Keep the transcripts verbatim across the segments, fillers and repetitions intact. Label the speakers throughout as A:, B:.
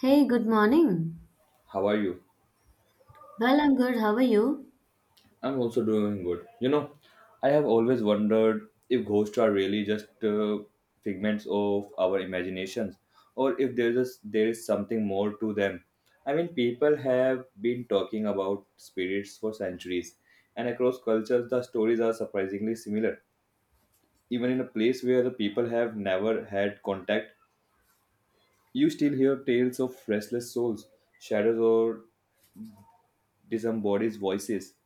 A: Hey, good morning.
B: How are you?
A: Well, I'm good. How are you?
B: I'm also doing good. You know, I have always wondered if ghosts are really just uh, figments of our imaginations, or if there is there is something more to them. I mean, people have been talking about spirits for centuries, and across cultures, the stories are surprisingly similar. Even in a place where the people have never had contact, you still hear tales of restless souls, shadows, or disembodies voices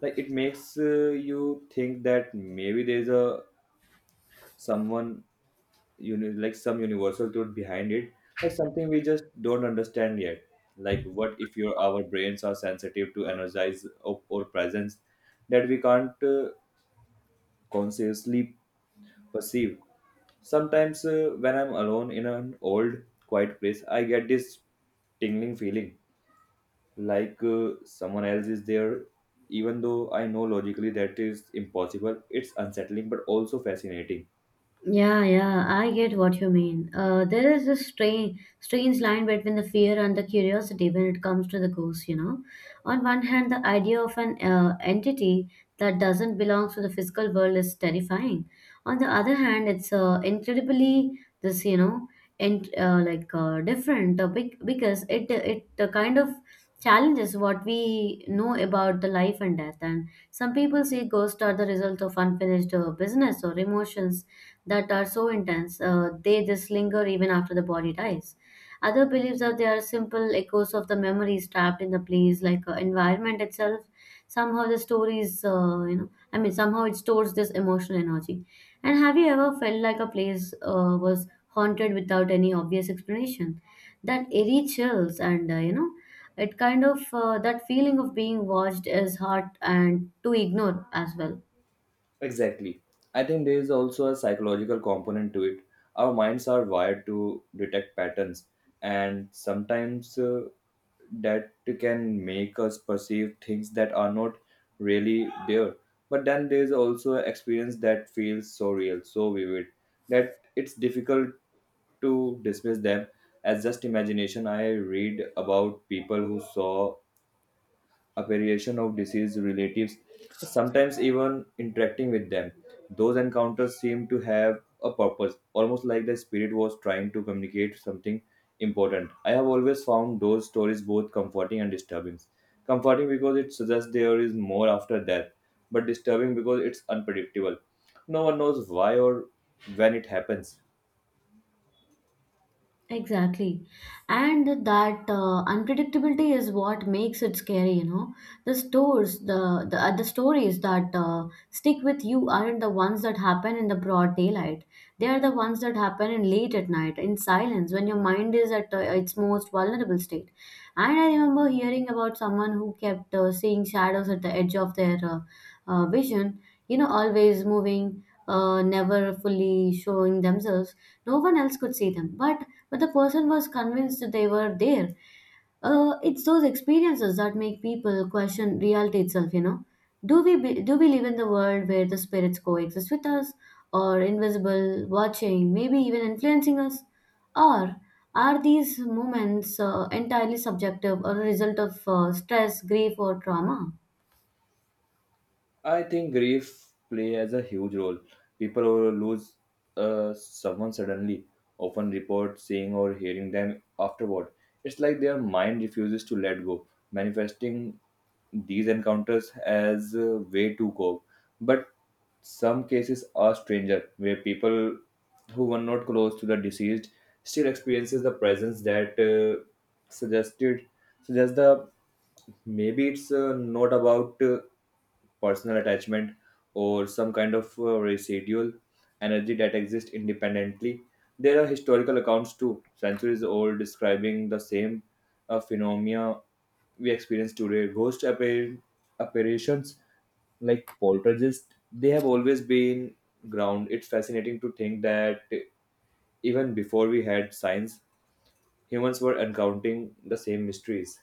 B: like it makes uh, you think that maybe there's a someone you know like some universal truth behind it, like something we just don't understand yet, like what if your our brains are sensitive to energize or, or presence that we can't uh, consciously perceive. Sometimes uh, when I'm alone in an old quiet place, I get this tingling feeling like uh, someone else is there, even though I know logically that is impossible. It's unsettling but also fascinating.
A: Yeah, yeah, I get what you mean. Uh, there is this strange, strange line between the fear and the curiosity when it comes to the ghosts, you know. On one hand, the idea of an uh, entity that doesn't belong to the physical world is terrifying. On the other hand, it's uh, incredibly this, you know, and uh, like uh, different uh, bec- because it it uh, kind of challenges what we know about the life and death. And some people say ghosts are the result of unfinished uh, business or emotions that are so intense, uh, they just linger even after the body dies. Other beliefs are they are simple echoes of the memories trapped in the place, like uh, environment itself. Somehow the stories, uh, you know, I mean, somehow it stores this emotional energy. And have you ever felt like a place uh, was haunted without any obvious explanation? That eerie chills and, uh, you know, it kind of uh, that feeling of being watched is hard and to ignore as well.
B: Exactly. I think there is also a psychological component to it. Our minds are wired to detect patterns, and sometimes uh, that can make us perceive things that are not really there. But then there is also an experience that feels so real, so vivid, that it's difficult to dismiss them as just imagination. I read about people who saw apparition of deceased relatives, sometimes even interacting with them. Those encounters seem to have a purpose, almost like the spirit was trying to communicate something important. I have always found those stories both comforting and disturbing. Comforting because it suggests there is more after death, but disturbing because it's unpredictable. No one knows why or when it happens.
A: Exactly. And that uh, unpredictability is what makes it scary, you know. The stores, the the, uh, the stories that uh, stick with you aren't the ones that happen in the broad daylight. They are the ones that happen in late at night, in silence, when your mind is at uh, its most vulnerable state. And I remember hearing about someone who kept uh, seeing shadows at the edge of their uh, uh, vision, you know, always moving, uh, never fully showing themselves, no one else could see them but but the person was convinced they were there. Uh, it's those experiences that make people question reality itself. You know, do we be, do we live in the world where the spirits coexist with us, or invisible, watching, maybe even influencing us, or are these moments uh, entirely subjective or a result of uh, stress, grief, or trauma?
B: I think grief play as a huge role. People who lose uh, someone suddenly often report seeing or hearing them afterward. It's like their mind refuses to let go, manifesting these encounters as a way to cope. But some cases are stranger, where people who were not close to the deceased still experiences the presence that uh, suggested suggests the maybe it's uh, not about. Uh, personal attachment, or some kind of uh, residual energy that exists independently. There are historical accounts too, centuries old, describing the same uh, phenomena we experience today. Ghost appar- apparitions like poltergeist, they have always been ground. It's fascinating to think that even before we had science, humans were encountering the same mysteries.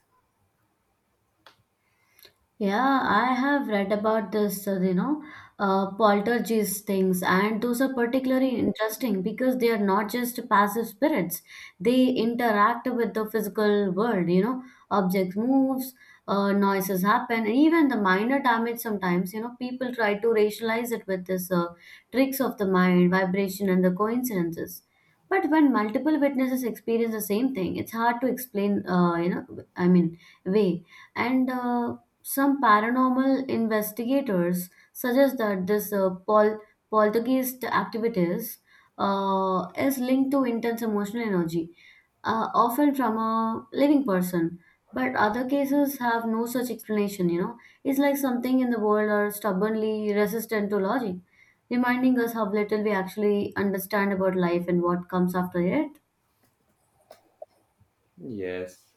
A: Yeah, I have read about this, uh, you know, uh, poltergeist things, and those are particularly interesting because they are not just passive spirits. They interact with the physical world, you know, objects moves, uh, noises happen, and even the minor damage sometimes, you know, people try to rationalize it with this uh, tricks of the mind, vibration, and the coincidences. But when multiple witnesses experience the same thing, it's hard to explain, uh, you know, I mean, way. And uh, Some paranormal investigators suggest that this uh, pol- poltergeist activities uh, is linked to intense emotional energy, uh, often from a living person. But other cases have no such explanation, you know. It's like something in the world are stubbornly resistant to logic, reminding us how little we actually understand about life and what comes after it.
B: Yes.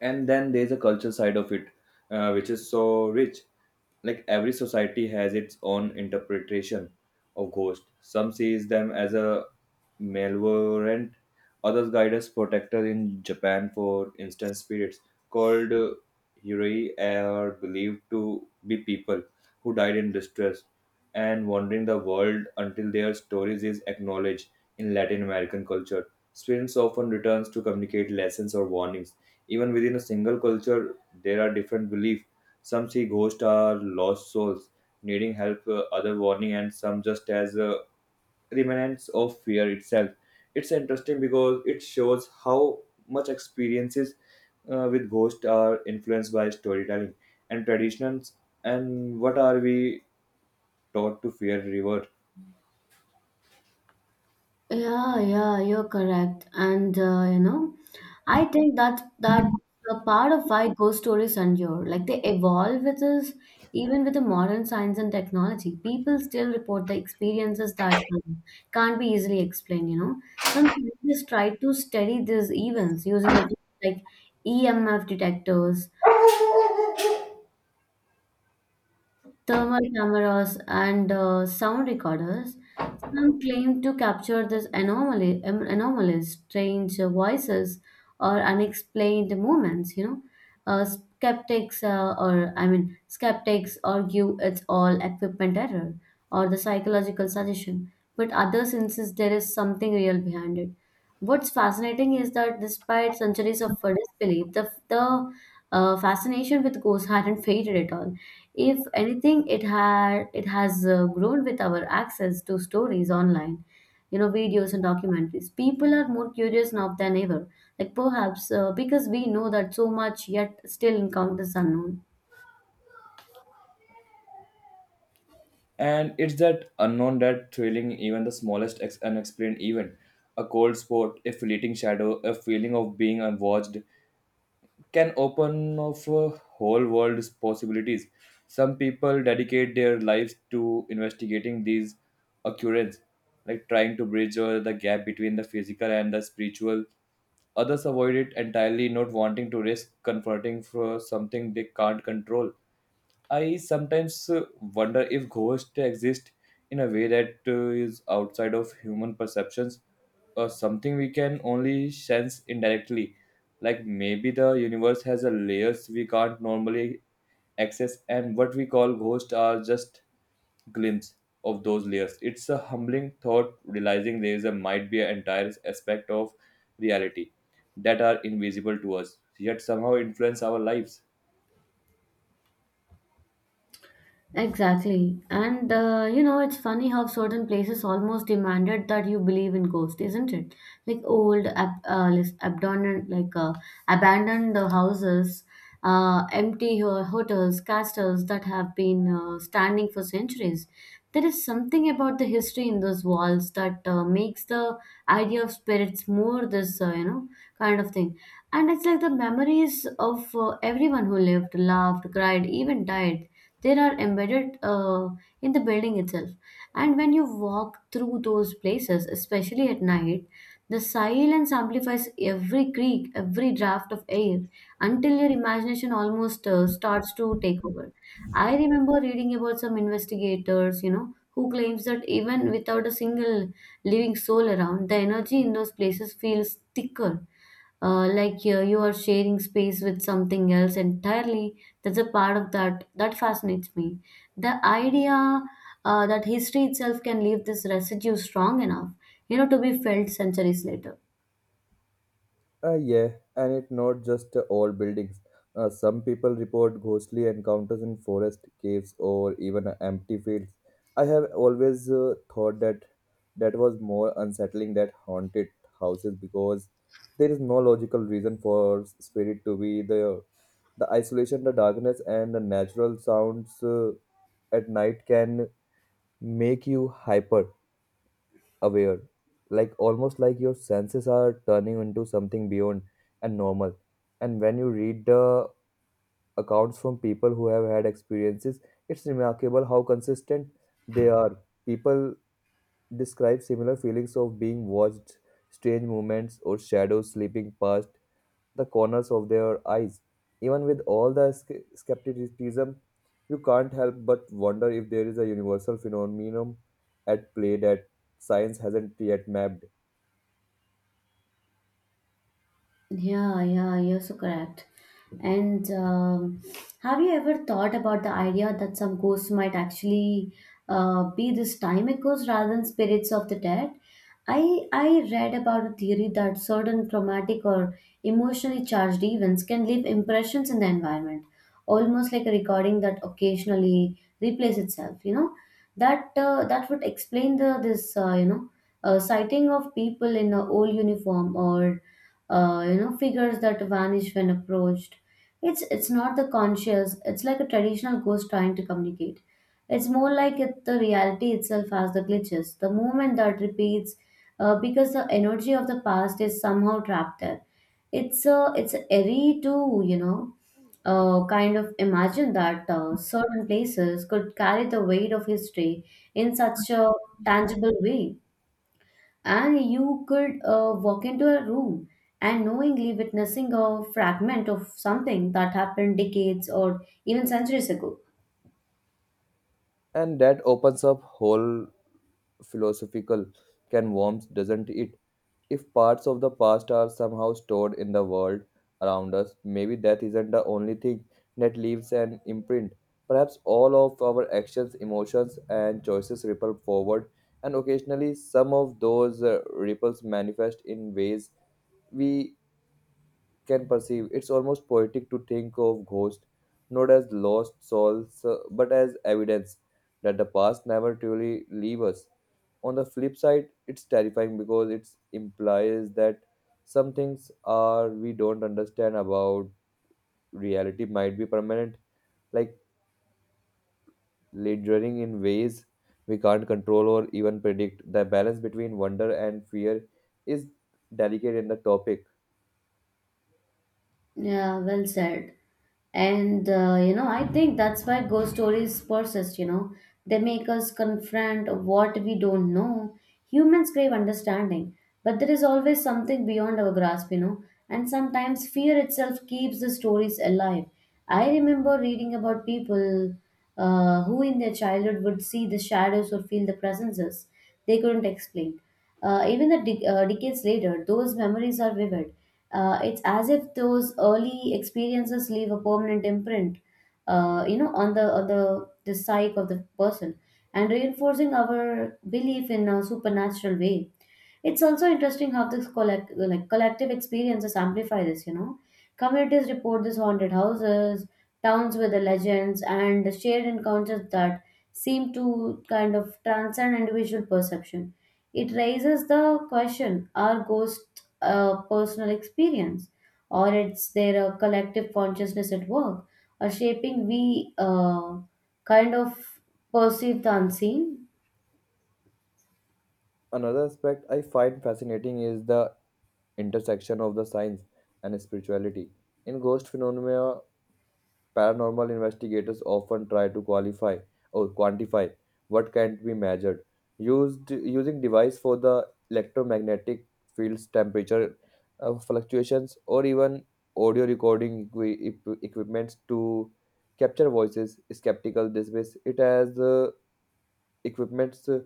B: And then there's a cultural side of it, uh, which is so rich, like every society has its own interpretation of ghosts. Some sees them as a malevolent, others guide as protectors. In Japan, for instance, spirits called uh, hiroi are believed to be people who died in distress and wandering the world until their stories is acknowledged. In Latin American culture, spirits often returns to communicate lessons or warnings. Even within a single culture, there are different beliefs. Some see ghosts are lost souls needing help, uh, other warning, and some just as uh, remnants of fear itself. It's interesting because it shows how much experiences uh, with ghosts are influenced by storytelling and traditions, and what are we taught to fear revert.
A: Yeah, yeah, you're correct. And uh, you know, I think that that a part of why ghost stories endure. Like they evolve with us, even with the modern science and technology. People still report the experiences that um, can't be easily explained, you know. Some scientists try to study these events using the things like E M F detectors, thermal cameras and uh, sound recorders. Some claim to capture this anomaly, um, anomalous, strange uh, voices or unexplained movements. You know, uh, skeptics uh, or I mean, skeptics argue it's all equipment error or the psychological suggestion, but others insist there is something real behind it. What's fascinating is that despite centuries of uh, disbelief, the the uh, fascination with ghosts hadn't faded at all. If anything, it had it has uh, grown with our access to stories online, you know, videos and documentaries. People are more curious now than ever. Like perhaps uh, because we know that so much, yet still encounters unknown.
B: And it's that unknown that thrilling, even the smallest ex- unexplained event. A cold spot, a fleeting shadow, a feeling of being unwatched can open up a whole world's possibilities. Some people dedicate their lives to investigating these occurrences, like trying to bridge uh, the gap between the physical and the spiritual. Others avoid it entirely, not wanting to risk confronting for something they can't control. I sometimes uh, wonder if ghosts exist in a way that uh, is outside of human perceptions, or something we can only sense indirectly. Like maybe the universe has a layers we can't normally access, and what we call ghosts are just glimpse of those layers. It's a humbling thought realizing there is a might be an entire aspect of reality that are invisible to us, yet somehow influence our lives.
A: Exactly. And uh, you know, it's funny how certain places almost demanded that you believe in ghosts, isn't it? Like old, ab- uh, lis- abandoned, like uh, abandoned uh, houses, uh, empty ho- hotels, castles that have been uh, standing for centuries. There is something about the history in those walls that uh, makes the idea of spirits more this, uh, you know, kind of thing. And it's like the memories of uh, everyone who lived, laughed, cried, even died, they are embedded uh, in the building itself. And when you walk through those places, especially at night, the silence amplifies every creak, every draft of air, until your imagination almost uh, starts to take over. I remember reading about some investigators, you know, who claims that even without a single living soul around, the energy in those places feels thicker, uh, like uh, you are sharing space with something else entirely. That's a part of that that fascinates me, the idea uh, that history itself can leave this residue strong enough, you know, to be felt centuries later.
B: Uh, yeah, and it's not just uh, old buildings. Uh, some people report ghostly encounters in forest, caves, or even uh, empty fields. I have always uh, thought that that was more unsettling than haunted houses, because there is no logical reason for s- spirit to be there. The isolation, the darkness, and the natural sounds uh, at night can make you hyper aware, like almost like your senses are turning into something beyond and normal. And when you read the accounts from people who have had experiences, it's remarkable how consistent they are. People describe similar feelings of being watched, strange movements or shadows slipping past the corners of their eyes. Even with all the sce- skepticism, you can't help but wonder if there is a universal phenomenon at play that science hasn't yet mapped.
A: Yeah, yeah, you're so correct. And um, have you ever thought about the idea that some ghosts might actually uh, be these time echoes rather than spirits of the dead? I, I read about a theory that certain traumatic or emotionally charged events can leave impressions in the environment, almost like a recording that occasionally replays itself. You know, that uh, that would explain the this uh, you know uh, sighting of people in a old uniform or uh, you know figures that vanish when approached. It's it's not the conscious. It's like a traditional ghost trying to communicate. It's more like it, the reality itself has the glitches, the movement that repeats, uh, because the energy of the past is somehow trapped there. It's uh, it's eerie to, you know, uh, kind of imagine that uh, certain places could carry the weight of history in such a tangible way, and you could uh, walk into a room and knowingly witnessing a fragment of something that happened decades or even centuries ago.
B: And that opens up whole philosophical can warm, doesn't it? If parts of the past are somehow stored in the world around us, maybe that isn't the only thing that leaves an imprint. Perhaps all of our actions, emotions, and choices ripple forward, and occasionally some of those uh, ripples manifest in ways we can perceive. It's almost poetic to think of ghosts not as lost souls, uh, but as evidence that the past never truly leave us. On the flip side, it's terrifying because it implies that some things are we don't understand about reality might be permanent, like lingering in ways we can't control or even predict. The balance between wonder and fear is delicate in the topic.
A: Yeah, well said. And uh, you know, I think that's why ghost stories persist, you know. They make us confront what we don't know. Humans crave understanding, but there is always something beyond our grasp, you know. And sometimes fear itself keeps the stories alive. I remember reading about people uh, who in their childhood would see the shadows or feel the presences they couldn't explain. Uh, even the de- uh, decades later, those memories are vivid. Uh, it's as if those early experiences leave a permanent imprint, uh, you know, on the on the the psyche of the person, and reinforcing our belief in a supernatural way. It's also interesting how this collect like collective experiences amplify this, you know. Communities report these haunted houses, towns with the legends, and the shared encounters that seem to kind of transcend individual perception. It raises the question, are ghosts a personal experience, or it's there a collective consciousness at work, or shaping we uh, kind of perceive the unseen?
B: Another aspect I find fascinating is the intersection of the science and spirituality. In ghost phenomena, paranormal investigators often try to qualify or quantify what can't be measured. Used using device for the electromagnetic fields, temperature uh, fluctuations, or even audio recording equi- equi- equipments to capture voices. Skeptical dismiss it as uh, equipments uh,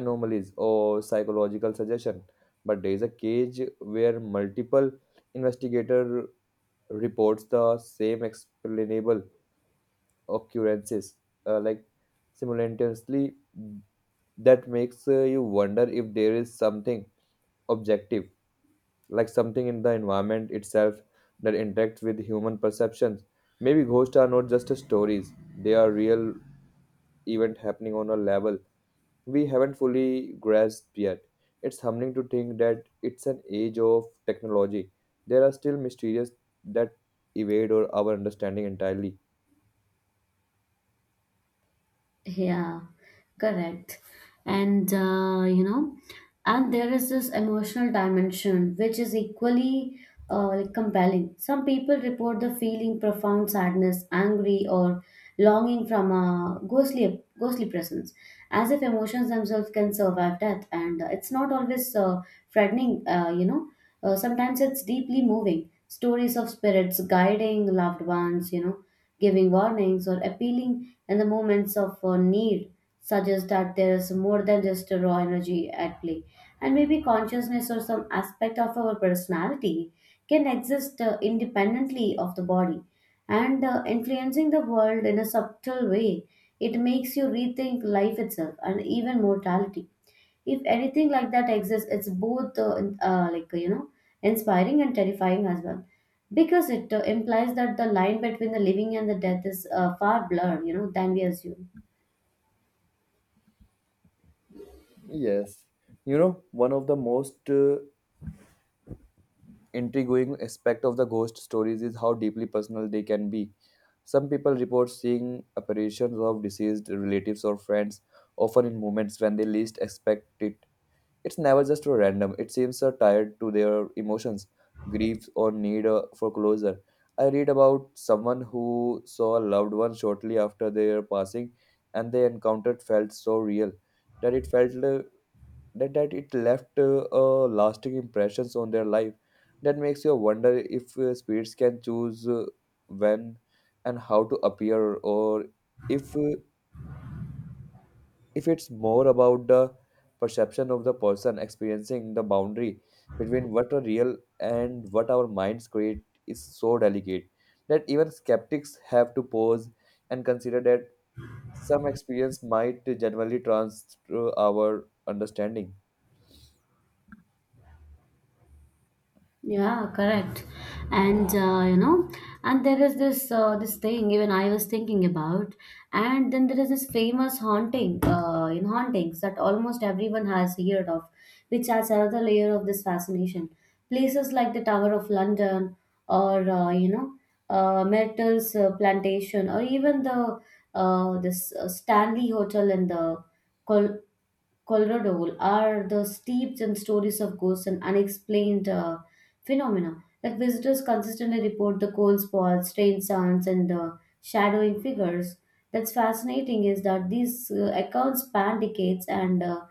B: anomalies or psychological suggestion, but there is a case where multiple investigator reports the same explainable occurrences, uh, like simultaneously. That makes uh, you wonder if there is something objective, like something in the environment itself that interacts with human perceptions. Maybe ghosts are not just stories, they are real event happening on a level we haven't fully grasped yet. It's humbling to think that it's an age of technology. There are still mysteries that evade or our understanding entirely.
A: Yeah, correct. And uh, you know, and there is this emotional dimension which is equally uh, like compelling. Some people report the feeling profound sadness, angry, or longing from a ghostly ghostly presence, as if emotions themselves can survive death. And uh, it's not always uh, frightening. Uh, you know, uh, sometimes it's deeply moving. Stories of spirits guiding loved ones. You know, giving warnings or appealing and the moments of uh, need suggest that there is more than just a raw energy at play, and maybe consciousness or some aspect of our personality can exist uh, independently of the body and uh, influencing the world in a subtle way. It makes you rethink life itself and even mortality. If anything like that exists, it's both uh, in- uh, like you know inspiring and terrifying as well, because it uh, implies that the line between the living and the death is uh, far blurred, you know, than we assume.
B: Yes. You know, one of the most uh, intriguing aspect of the ghost stories is how deeply personal they can be. Some people report seeing apparitions of deceased relatives or friends, often in moments when they least expect it. It's never just random, it seems are tied to their emotions, grief, or need uh, for closure. I read about someone who saw a loved one shortly after their passing, and they encountered felt so real that it felt uh, that, that it left uh, a lasting impressions on their life. That makes you wonder if uh, spirits can choose uh, when and how to appear, or if uh, if it's more about the perception of the person experiencing. The boundary between what are real and what our minds create is so delicate that even skeptics have to pause and consider that some experience might genuinely transfer our understanding.
A: Yeah, correct. And uh, you know, and there is this uh, this thing even I was thinking about, and then there is this famous haunting, uh, in hauntings that almost everyone has heard of, which adds another layer of this fascination. Places like the Tower of London, or uh, you know, uh, Myrtle's uh, Plantation, or even the uh, this uh, Stanley Hotel in the Col Colorado are the steeped in stories of ghosts and unexplained uh, phenomena. Like visitors consistently report the cold spots, strange sounds, and the shadowing figures. That's fascinating is that these uh, accounts span decades and uh,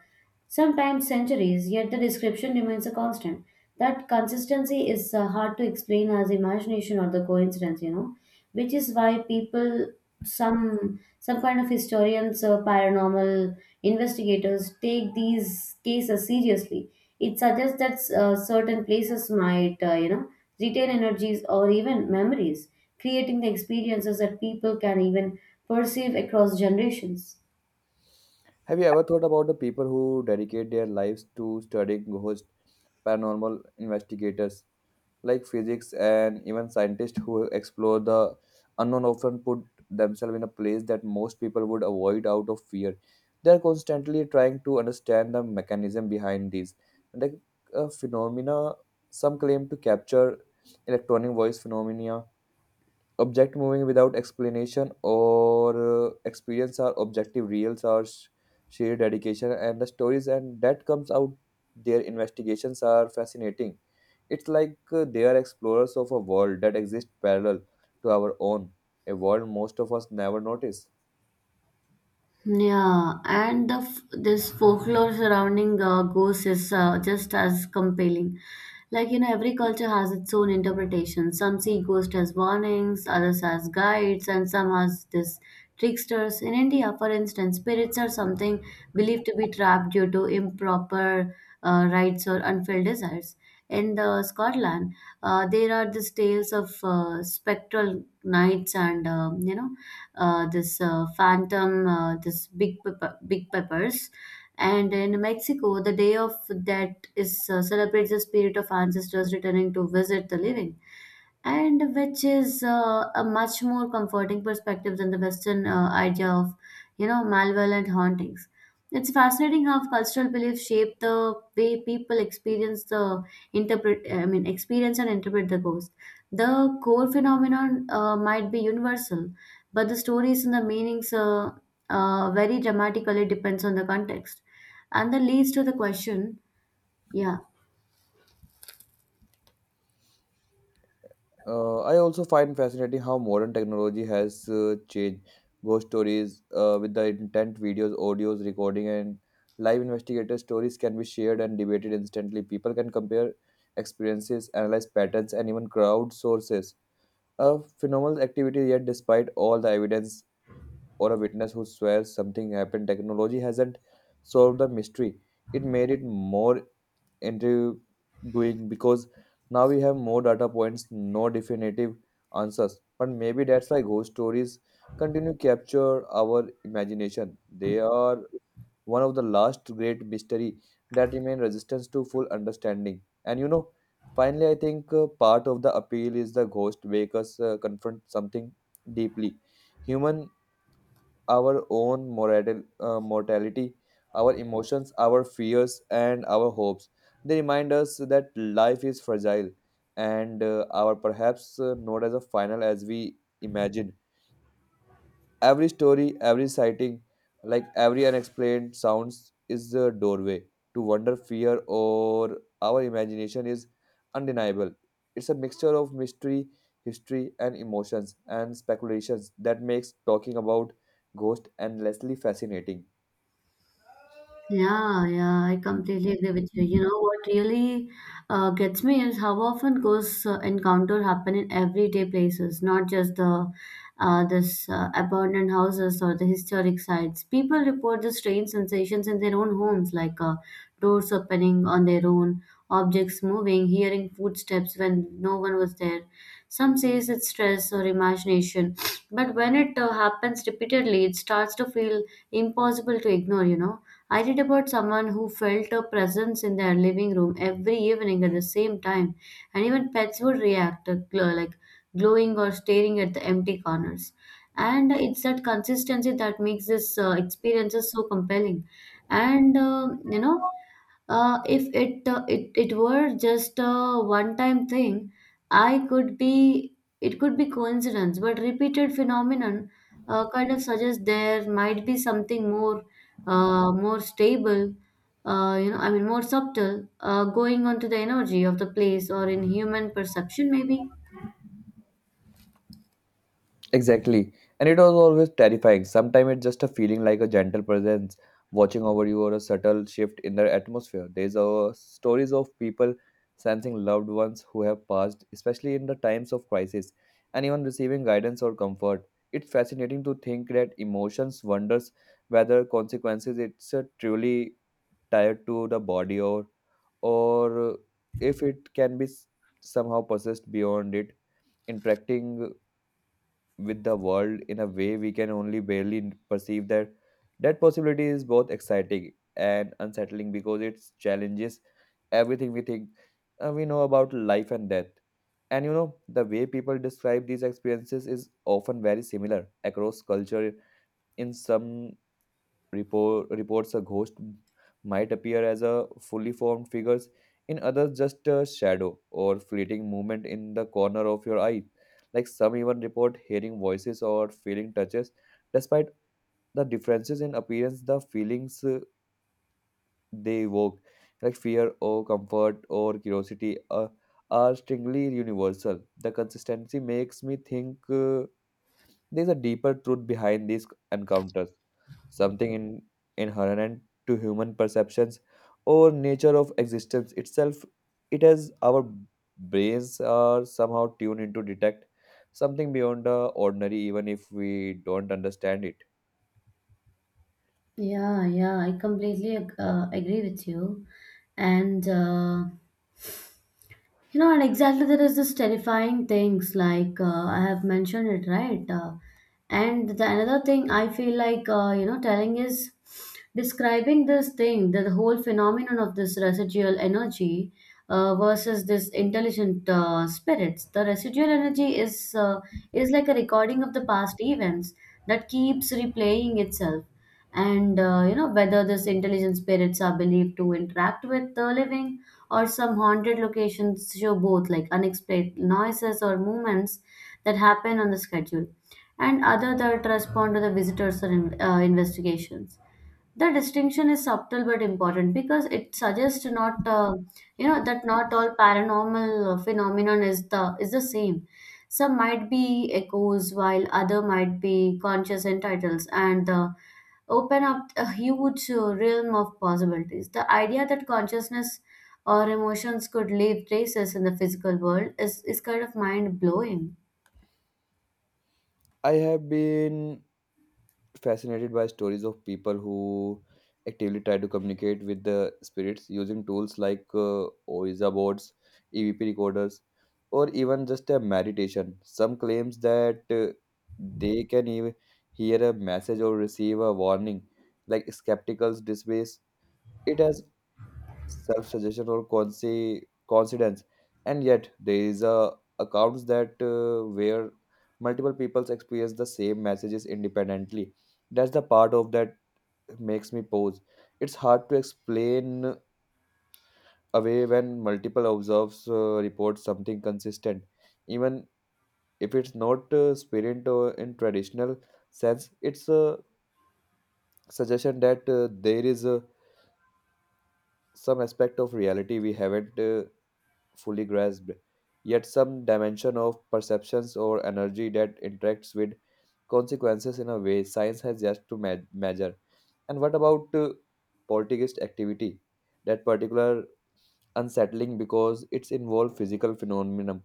A: sometimes centuries, yet the description remains a constant. That consistency is uh, hard to explain as imagination or the coincidence, you know, which is why people, some some kind of historians or paranormal investigators take these cases seriously. It suggests that uh, certain places might, uh, you know, retain energies or even memories, creating the experiences that people can even perceive across generations.
B: Have you ever thought about the people who dedicate their lives to studying ghosts, paranormal investigators like physics and even scientists who explore the unknown often put themselves in a place that most people would avoid out of fear? They are constantly trying to understand the mechanism behind these. Like uh, phenomena, some claim to capture electronic voice phenomena, object moving without explanation or uh, experience are objective reals are sh- sheer dedication. And the stories and that comes out their investigations are fascinating. It's like uh, they are explorers of a world that exists parallel to our own, a world most of us never notice.
A: Yeah, and the f- this folklore surrounding uh, ghosts is uh, just as compelling. Like you know, every culture has its own interpretation. Some see ghosts as warnings, others as guides, and some as this tricksters. In India, for instance, spirits are something believed to be trapped due to improper uh, rites or unfulfilled desires. In the Scotland, uh, there are these tales of uh, spectral nights and um you know uh, this uh, phantom, uh, this big pepper, big peppers. And in Mexico, the day of that is uh, celebrates the spirit of ancestors returning to visit the living and which is uh, a much more comforting perspective than the Western uh, idea of, you know, malevolent hauntings. It's fascinating how cultural beliefs shape the way people experience the interpret. I mean, experience and interpret the ghost. The core phenomenon uh, might be universal, but the stories and the meanings uh, uh, very dramatically depends on the context, and that leads to the question. Yeah.
B: Uh, I also find fascinating how modern technology has uh, changed ghost stories uh, with the intent videos, audios, recording, and live investigator stories can be shared and debated instantly. People can compare experiences, analyze patterns, and even crowd sources. A phenomenal activity, yet, despite all the evidence or a witness who swears something happened, technology hasn't solved the mystery. It made it more into doing, because now we have more data points, no definitive answers. But maybe that's why ghost stories continue to capture our imagination. They are one of the last great mystery that remain resistance to full understanding. And you know, finally, I think uh, part of the appeal is the ghost make us uh, confront something deeply human, our own moral, uh, mortality, our emotions, our fears, and our hopes. They remind us that life is fragile, and uh, our perhaps uh, not as a final as we imagine. Every story, every sighting, like every unexplained sounds is a doorway to wonder, fear, or our imagination is undeniable. It's a mixture of mystery, history, and emotions and speculations that makes talking about ghosts endlessly fascinating.
A: Yeah, yeah, I completely agree with you. You know, what really uh, gets me is how often ghosts uh, encounter happen in everyday places, not just the uh, this uh, abandoned houses or the historic sites. People report the strange sensations in their own homes, like uh, doors opening on their own, objects moving, hearing footsteps when no one was there. Some says it's stress or imagination, but when it uh, happens repeatedly, it starts to feel impossible to ignore, you know. I read about someone who felt a presence in their living room every evening at the same time, and even pets would react uh, gl- like glowing or staring at the empty corners. And it's that consistency that makes this uh, experiences so compelling. And uh, you know, uh, if it, uh, it it were just a one-time thing, I could be it could be coincidence, but repeated phenomenon uh, kind of suggests there might be something more uh, more stable, uh, you know, I mean, more subtle, uh, going on to the energy of the place or in human perception, maybe.
B: Exactly. And it was always terrifying. Sometimes it's just a feeling like a gentle presence watching over you or a subtle shift in the atmosphere. There's uh, stories of people sensing loved ones who have passed, especially in the times of crisis, and even receiving guidance or comfort. It's fascinating to think that emotions wonders whether consequences it's uh, truly tied to the body or or if it can be s- somehow possessed beyond it interacting with the world in a way we can only barely perceive that that possibility is both exciting and unsettling because it challenges everything we think uh, we know about life and death. And you know the way people describe these experiences is often very similar across culture. In some report, reports a ghost might appear as a fully formed figures, in others just a shadow or fleeting movement in the corner of your eye. Like some even report hearing voices or feeling touches. Despite the differences in appearance the feelings uh, they evoke, like fear or comfort or curiosity, uh, are strictly universal. The consistency makes me think uh, there's a deeper truth behind these encounters, something in, inherent to human perceptions or nature of existence itself. It has our brains are somehow tuned in to detect something beyond the ordinary, even if we don't understand it.
A: Yeah, yeah, I completely ag- uh, agree with you. And uh, you know, and exactly there is this terrifying things like uh, I have mentioned it, right? Uh, and the another thing I feel like uh, you know telling is describing this thing, the, the whole phenomenon of this residual energy uh, versus this intelligent uh, spirits. The residual energy is uh, is like a recording of the past events that keeps replaying itself, and uh, you know whether this intelligent spirits are believed to interact with the living or some haunted locations show both like unexplained noises or movements that happen on the schedule and other that respond to the visitors or in, uh, investigations. The distinction is subtle but important because it suggests not, uh, you know, that not all paranormal uh, phenomenon is the is the same. Some might be echoes, while other might be conscious entitles, and uh, open up a huge uh, realm of possibilities. The idea that consciousness or emotions could leave traces in the physical world is is kind of mind blowing.
B: I have been fascinated by stories of people who actively try to communicate with the spirits using tools like uh, Ouija boards, E V P recorders, or even just a meditation. Some claims that uh, they can even hear a message or receive a warning. Like skepticals dismiss it as self suggestion or consi- coincidence, and yet there is a accounts that uh, where multiple peoples experience the same messages independently. That's the part of that makes me pause. It's hard to explain away when multiple observes uh, report something consistent, even if it's not uh, spirit or in traditional sense. It's a suggestion that uh, there is a some aspect of reality we haven't uh, fully grasped, yet some dimension of perceptions or energy that interacts with consequences in a way science has yet to me- measure. And what about uh, poltergeist activity? That particular unsettling because it's involved physical phenomena,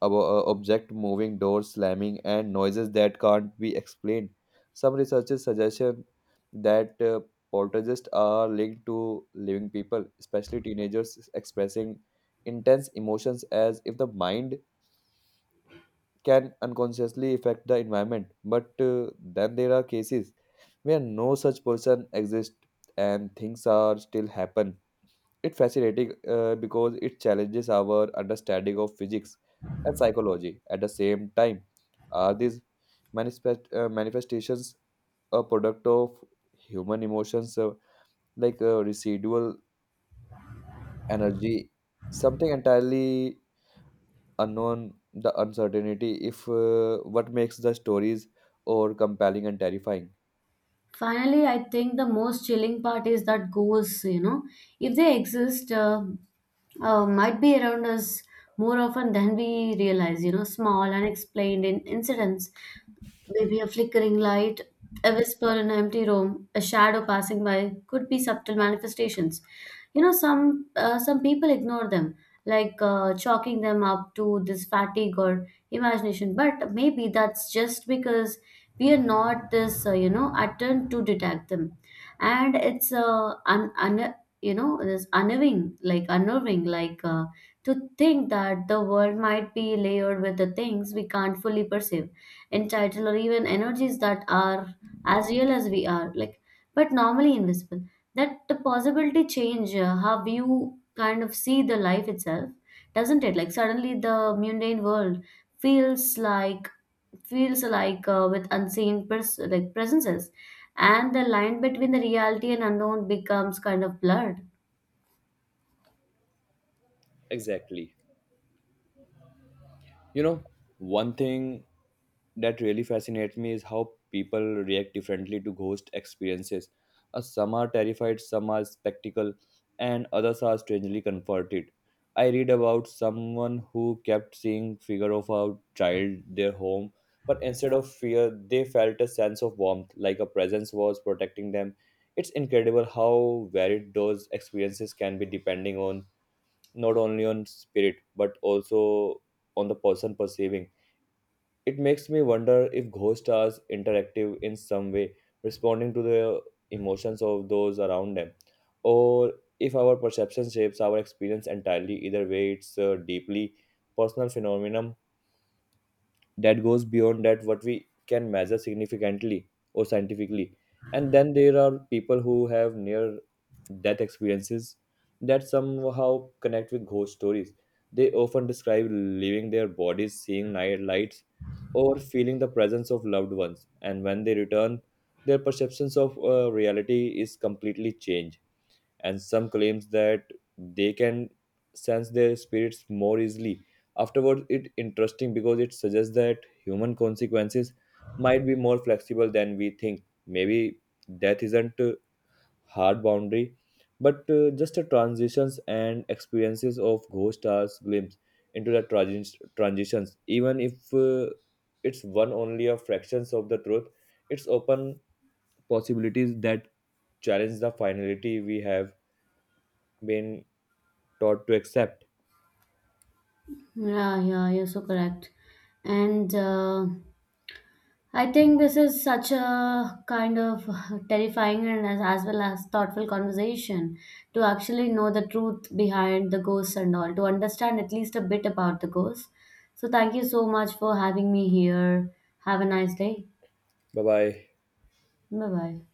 B: about uh, object moving, doors slamming, and noises that can't be explained. Some researchers suggest that uh, poltergeists are linked to living people, especially teenagers expressing intense emotions, as if the mind can unconsciously affect the environment. But uh, then there are cases where no such person exists and things are still happen. It's fascinating uh, because it challenges our understanding of physics and psychology at the same time. Are these manifest, uh, manifestations a product of human emotions, uh, like uh, residual energy, something entirely unknown? The uncertainty if uh, what makes the stories or compelling and terrifying.
A: Finally, I think the most chilling part is that ghosts, you know, if they exist, uh, uh, might be around us more often than we realize. You know, small, unexplained in- incidents, maybe a flickering light, a whisper in an empty room, a shadow passing by, could be subtle manifestations. You know, some uh, some people ignore them, like uh, chalking them up to this fatigue or imagination. But maybe that's just because we are not this uh, you know attuned to detect them, and it's uh, un, un, you know this unnerving like unnerving like uh, to think that the world might be layered with the things we can't fully perceive entitled or even energies that are as real as we are, like but normally invisible. That the possibility change uh, how you kind of see the life itself, doesn't it? Like suddenly the mundane world feels like feels like uh, with unseen pers- like presences, and the line between the reality and unknown becomes kind of blurred.
B: Exactly. You know, one thing that really fascinates me is how people react differently to ghost experiences. Uh, some are terrified, some are spectacle, and others are strangely comforted. I read about someone who kept seeing figure of a child their home, but instead of fear, they felt a sense of warmth, like a presence was protecting them. It's incredible how varied those experiences can be, depending on not only on spirit but also on the person perceiving. It makes me wonder if ghosts are interactive in some way, responding to the emotions of those around them, or if our perception shapes our experience entirely. Either way, it's a deeply personal phenomenon that goes beyond that what we can measure significantly or scientifically. And then there are people who have near death experiences that somehow connect with ghost stories. They often describe leaving their bodies, seeing night lights, or feeling the presence of loved ones, and when they return their perceptions of uh, reality is completely changed. And some claims that they can sense their spirits more easily afterwards. It's interesting because it suggests that human consequences might be more flexible than we think. Maybe death isn't a hard boundary, but uh, just a transitions, and experiences of ghost stars glimpse into the trans- transitions, even if uh, it's one only of fractions of the truth. It's open possibilities that challenge the finality we have been taught to accept.
A: Yeah, yeah, you're so correct. And uh, I think this is such a kind of terrifying and as, as well as thoughtful conversation to actually know the truth behind the ghosts and all, to understand at least a bit about the ghosts. So, thank you so much for having me here. Have a nice day.
B: Bye bye.
A: Bye bye.